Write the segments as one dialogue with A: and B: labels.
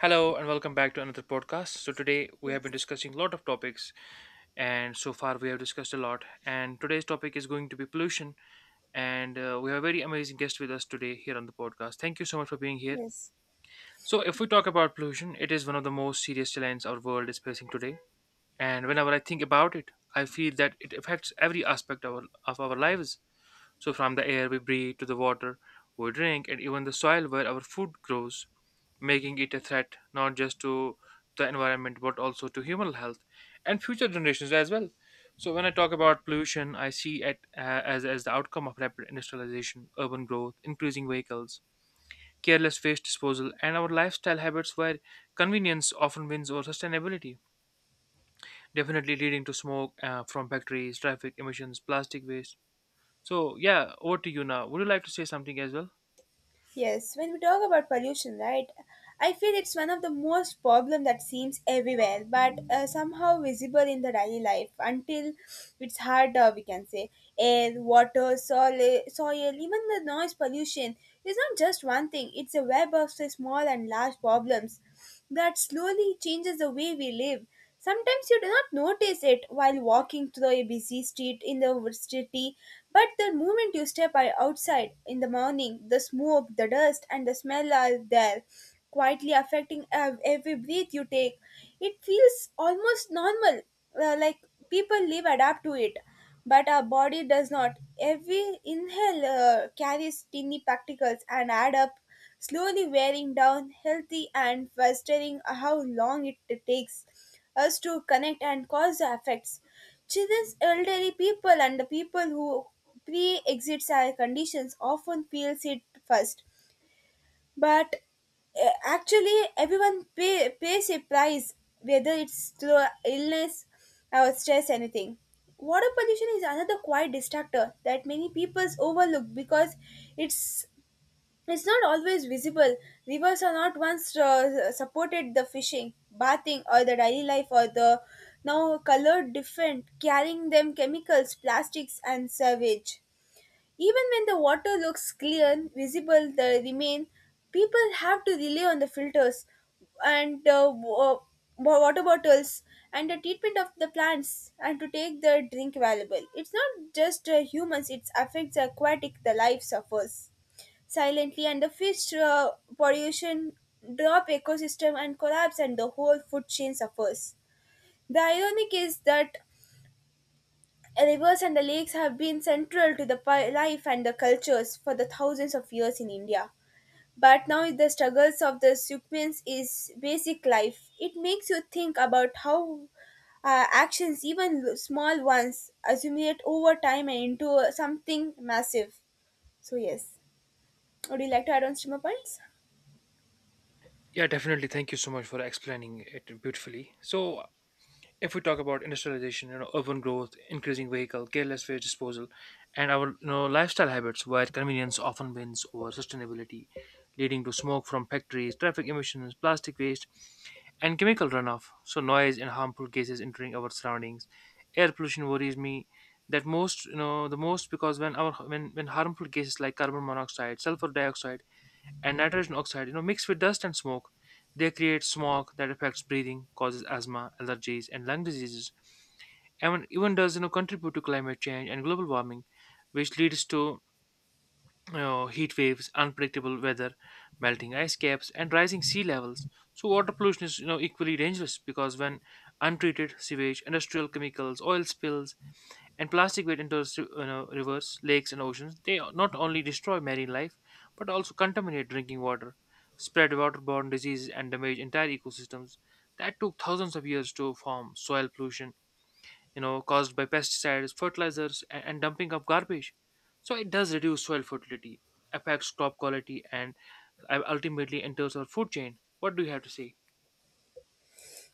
A: Hello and welcome back to another podcast. So today we have been
B: Yes,
A: discussing a lot of topics, and so far we have discussed a lot, and today's topic is going to be pollution, and we have a very amazing guest with us today here on the podcast. Thank you so much for being here.
B: yes,
A: So if we talk about pollution, it is one of the most serious challenges our world is facing today, and whenever I think about it, I feel that it affects every aspect of our lives. So from the air we breathe to the water we drink, and even the soil where our food grows, making it a threat not just to the environment but also to human health and future generations as well. So when I talk about pollution, I see it as the outcome of rapid industrialization, urban growth, increasing vehicles, careless waste disposal, and our lifestyle habits, where convenience often wins over sustainability, definitely leading to smoke from factories, traffic emissions, plastic waste. So yeah, over to you now. Would you like to say something as well?
B: yes. When we talk about pollution, right? I feel it's one of the most problem that seems everywhere, but somehow visible in the daily life until it's harder. We can say air, water, soil, soil, even the noise pollution is not just one thing. It's a web of say, small and large problems that slowly changes the way we live. Sometimes you do not notice it while walking through a busy street in the city, but the moment you outside in the morning, the smoke, the dust, and the smell are there, quietly affecting every breath you take. It feels almost normal, like people live adapt to it, but our body does not. Every inhale carries tiny particles and add up, slowly wearing down healthy and frustrating how long it takes us to connect and cause the effects. Children's elderly people and the people who pre-exits our conditions often feels it first, but actually everyone pays a price, whether it's through illness or stress anything. Water pollution is another quiet distractor that many people overlook because it's it's not always visible. Rivers are not once supported the fishing bathing or the daily life or the now colored different carrying them chemicals plastics and sewage. Even when the water looks clear, visible, the remain, people have to rely on the filters and water bottles and the treatment of the plants and to take the drink available. It's not just humans, it affects aquatic, the life suffers silently and the fish pollution drop ecosystem and collapse and the whole food chain suffers. The ironic is that rivers and the lakes have been central to the life and the cultures for the thousands of years in India. But now the struggles of the Sukmins is basic life. It makes you think about how actions, even small ones, accumulate over time and into something massive. So yes, would you like to add on streamer points?
A: Yeah, definitely. Thank you so much for explaining it beautifully. So, if we talk about industrialization, you know, urban growth, increasing vehicle, careless waste disposal, and our, you know, lifestyle habits, where convenience often wins over sustainability, leading to smoke from factories, traffic emissions, plastic waste, and chemical runoff. So noise and harmful gases entering our surroundings. Air pollution worries me that most, you know, the most, because when our when harmful gases like carbon monoxide, sulfur dioxide, and nitrogen oxide, you know, mixed with dust and smoke. They create smog that affects breathing, causes asthma, allergies, and lung diseases, and even does, you know, contribute to climate change and global warming, which leads to, you know, heat waves, unpredictable weather, melting ice caps, and rising sea levels. So water pollution is, you know, equally dangerous, because when untreated sewage, industrial chemicals, oil spills, and plastic weight enters, you know, rivers, lakes, and oceans. They not only destroy marine life, but also contaminate drinking water, spread waterborne diseases, and damage entire ecosystems. That took thousands of years to form. Soil pollution, you know, caused by pesticides, fertilizers, and dumping of garbage. So it does reduce soil fertility, affects crop quality, and ultimately enters our food chain. What do you have to say?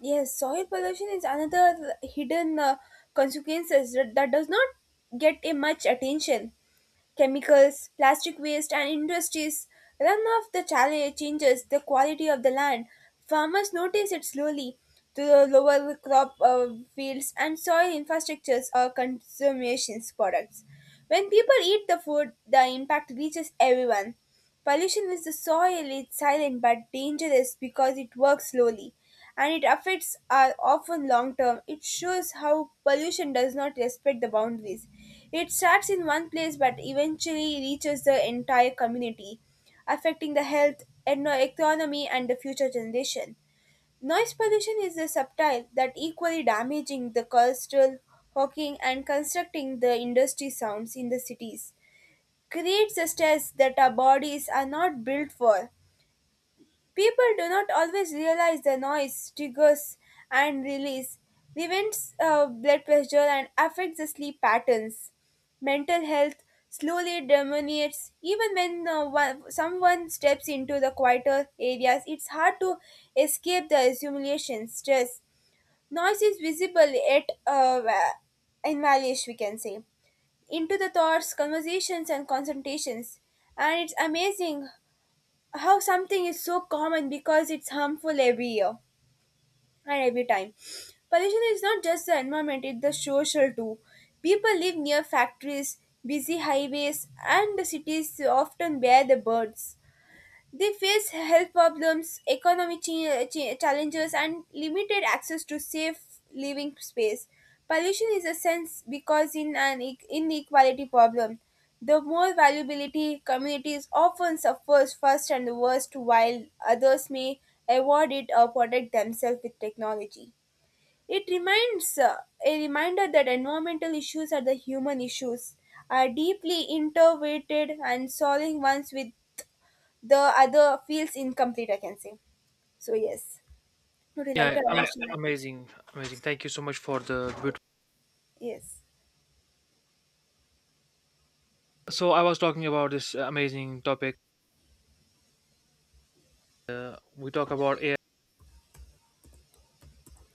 B: Yes, soil pollution is another hidden consequences that does not get a much attention. Chemicals, plastic waste, and industries run off the challenge changes the quality of the land. Farmers notice it slowly through lower crop fields and soil infrastructures or consumption products. When people eat the food, the impact reaches everyone. Pollution with the soil is silent but dangerous because it works slowly, and it affects are often long term. It shows how pollution does not respect the boundaries. It starts in one place but eventually reaches the entire community, affecting the health, economy, and the future generation. Noise pollution is a subtle that equally damaging the cultural, hawking, and constructing the industry sounds in the cities. Creates the stress that our bodies are not built for. People do not always realize the noise triggers and release, prevents blood pressure, and affects the sleep patterns. Mental health slowly deteriorates. Even when one, someone steps into the quieter areas, it's hard to escape the accumulation stress. Noise is visible yet invalish, we can say, into the thoughts, conversations, and concentrations. And it's amazing how something is so common because it's harmful every year and every time. Pollution is not just the environment, it's the social too. People live near factories, busy highways, and the cities often bear the burdens. They face health problems, economic challenges, and limited access to safe living space. Pollution is a sense because in an inequality problem, the more vulnerability communities often suffers first and the worst, while others may avoid it or protect themselves with technology. It reminds a reminder that environmental issues are the human issues, are deeply interrelated, and solving ones with the other feels incomplete, I can say. So, yes. Would you like
A: Yeah,
B: to Yeah arrange tonight?
A: amazing, amazing. Thank you so much for the beautiful.
B: Yes.
A: So I was talking about this amazing topic. uh, we talk about air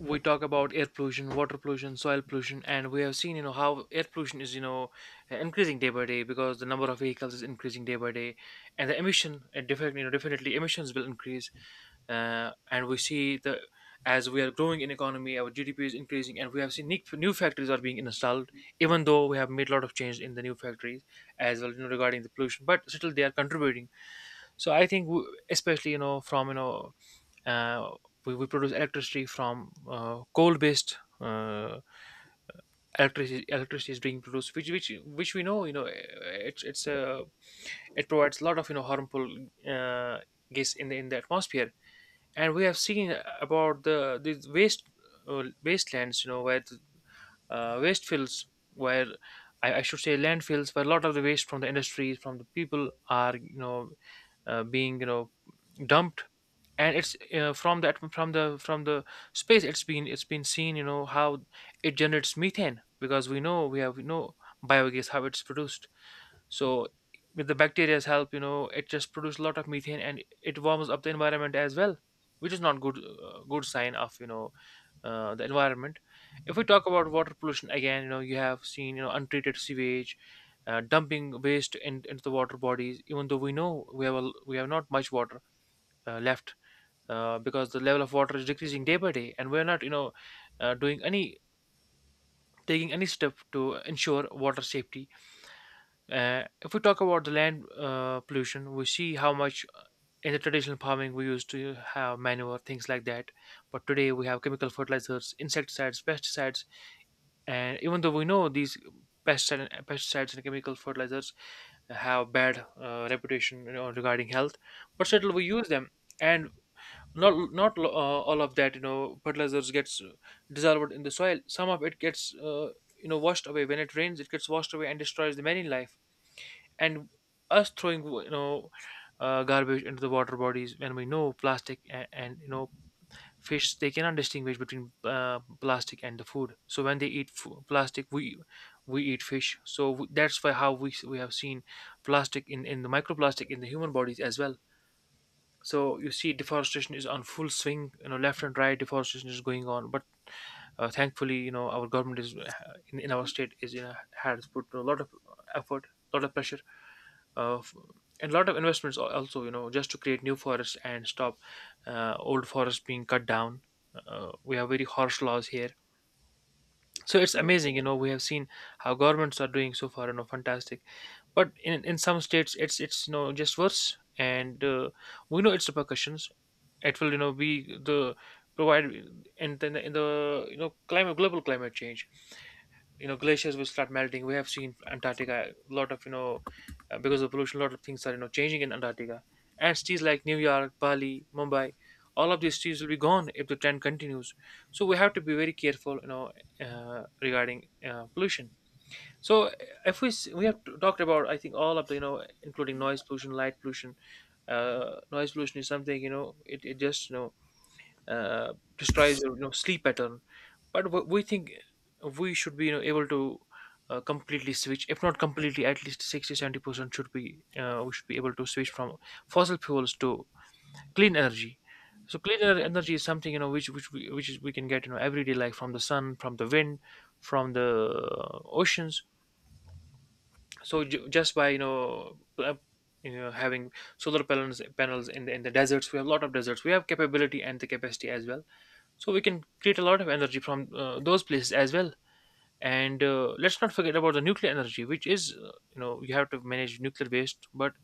A: we talk about air pollution, water pollution, soil pollution, and we have seen, you know, how air pollution is, you know, increasing day by day, because the number of vehicles is increasing day by day, and the emission, and definitely, you know, definitely emissions will increase, and we see the, as we are growing in economy, our GDP is increasing, and we have seen new factories are being installed. Even though we have made a lot of change in the new factories as well, you know, regarding the pollution, but still they are contributing. So I think especially, you know, from, you know, uh, we produce electricity from coal based electricity is being produced, which we know, you know, it's a it provides a lot of, you know, harmful uh, gas in the atmosphere. And we have seen about the these waste wastelands, you know, where waste fields, where I should say landfills, where a lot of the waste from the industries, from the people, are, you know, being, you know, dumped. And it's from that, from the space, it's been seen, you know, how it generates methane, because we know we have we know biogas, how it's produced. So with the bacteria's help, you know, it just produces a lot of methane, and it warms up the environment as well, which is not good, good sign of, you know, the environment. If we talk about water pollution again, you know, you have seen, you know, untreated sewage, dumping waste into the water bodies, even though we know we have we have not much water left, because the level of water is decreasing day by day, and we're not, you know, doing any taking any step to ensure water safety. If we talk about the land pollution, we see how much, in the traditional farming, we used to have manure, things like that, but today we have chemical fertilizers, insecticides, pesticides. And even though we know these pests pesticides and chemical fertilizers have bad reputation, you know, regarding health, but still we use them. And not not lo- all of that, you know, fertilizers gets dissolved in the soil. Some of it gets, you know, washed away. When it rains, it gets washed away and destroys the marine life. And us throwing, you know, garbage into the water bodies, when we know plastic, and you know, fish, they cannot distinguish between plastic and the food. So when they eat plastic, we eat fish, so that's why how we have seen plastic in the microplastic in the human bodies as well. So you see, deforestation is on full swing. You know, left and right deforestation is going on, but thankfully, you know, our government is, in our state is, you know, has put a lot of effort, a lot of pressure, uh, f- and a lot of investments, also, you know, just to create new forests and stop old forests being cut down. We have very harsh laws here. So it's
B: Yeah.
A: amazing, you know, we have seen how governments are doing so far, you know, fantastic. But in some states it's, you know, just worse. And we know its repercussions. It will, you know, be the provide in the, you know, climate, global climate change. You know, glaciers will start melting. We have seen Antarctica, a lot of, you know, because of pollution, a lot of things are, you know, changing in Antarctica. And cities like New York, Bali, Mumbai, all of these cities will be gone if the trend continues. So we have to be very careful, you know, regarding pollution. So if we have talked about, I think, all of the, you know, including noise pollution, light pollution. Noise pollution is something, you know, it just, you know, destroys your, you know, sleep pattern. But we think we should be, you know, able to completely switch, if not completely, at least 60 70% should be, we should be able to switch from fossil fuels to clean energy. So energy is something, you know, which we, which is, we can get, you know, every day, like from the sun, from the wind, from the oceans. So just by, you know, you know, having solar panels in the deserts. We have a lot of deserts. We have capability and the capacity as well. So we can create a lot of energy from those places as well. And let's not forget about the nuclear energy, which is, you know, you have to manage nuclear waste, but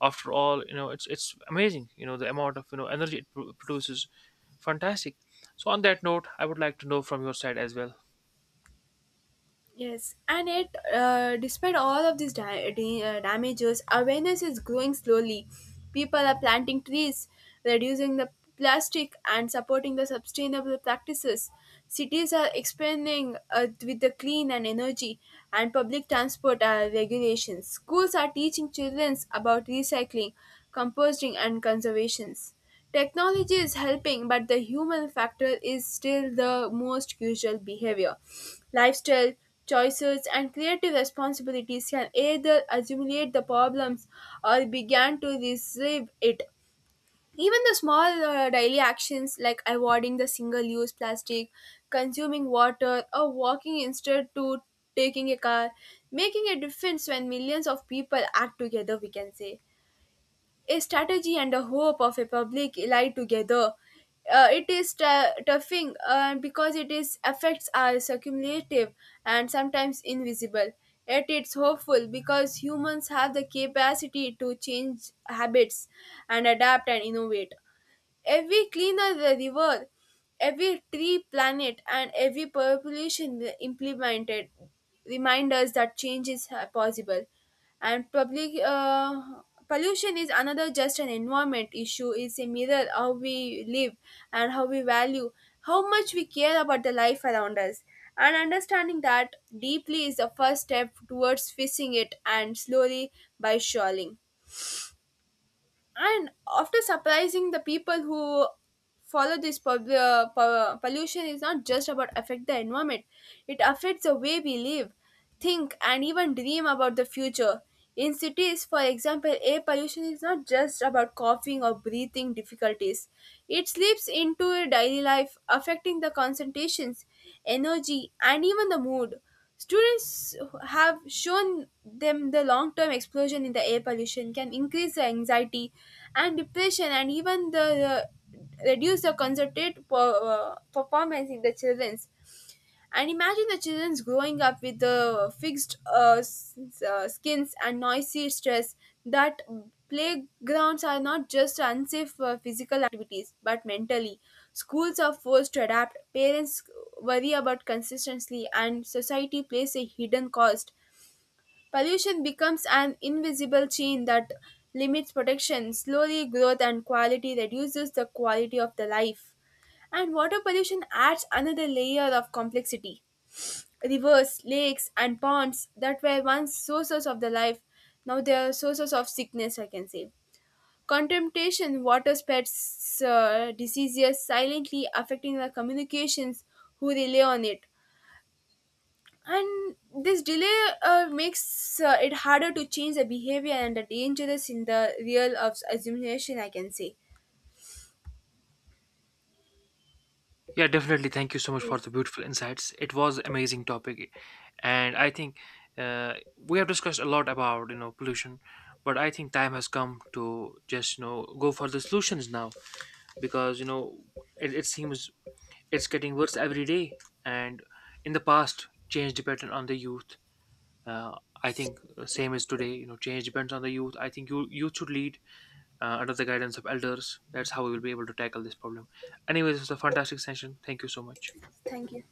A: after all, you know, it's amazing, you know, the amount of, you know, energy it produces. Fantastic. So on that note, I would like to know from your side as well.
B: Yes, and it, despite all of these damages, awareness is growing slowly. People are planting trees, reducing the plastic, and supporting the sustainable practices. Cities are expanding with the clean and energy, and public transport are regulations. Schools are teaching children about recycling, composting, and conservations. Technology is helping, but the human factor is still the most crucial behavior. Lifestyle choices and creative responsibilities can either assimilate the problems or begin to receive it. Even the small daily actions like avoiding the single use plastic, consuming water, or walking instead to taking a car, making a difference when millions of people act together, we can say a strategy and a hope of a public lie together. It is toughing because it is effects are cumulative and sometimes invisible. Yet it's hopeful because humans have the capacity to change habits and adapt and innovate. Every cleaner the river, every tree planet, and every population implemented remind us that change is possible. And public pollution is another just an environment issue. It's a mirror how we live and how we value, how much we care about the life around us. And understanding that deeply is the first step towards fixing it, and slowly by shawling and after surprising the people who follow this pollution is not just about affect the environment, it affects the way we live, think, and even dream about the future. In cities, for example, air pollution is not just about coughing or breathing difficulties, it slips into your daily life affecting the concentrations, energy, and even the mood. Students have shown them the long term explosion in the air pollution can increase the anxiety and depression and even the reduce the performance in the children's. And imagine the children growing up with the fixed skins and noisy stress that playgrounds are not just unsafe for physical activities but mentally. Schools are forced to adapt, parents worry about consistency, and society plays a hidden cost. Pollution becomes an invisible chain that limits protection, slowly growth and quality reduces the quality of the life. And water pollution adds another layer of complexity. Rivers, lakes, and ponds that were once sources of the life, now they are sources of sickness, I can say. Contamination, water spreads diseases silently, affecting the communications who rely on it. And this delay makes it harder to change the behavior and the dangerous in the real of assimilation, I can say.
A: Yeah, definitely. Thank you so much for
B: Yes,
A: the beautiful insights. It was amazing topic, and I think we have discussed a lot about, you know, pollution, but I think time has come to just, you know, go for the solutions now, because, you know, it seems it's getting worse every day. And in the past, change depended on the youth. Uh, I think, same as today. You know, change depends on the youth. I think you youth should lead under the guidance of elders. That's how we will be able to tackle this problem. Anyways, it was a fantastic session. Thank you so much.
B: thank you.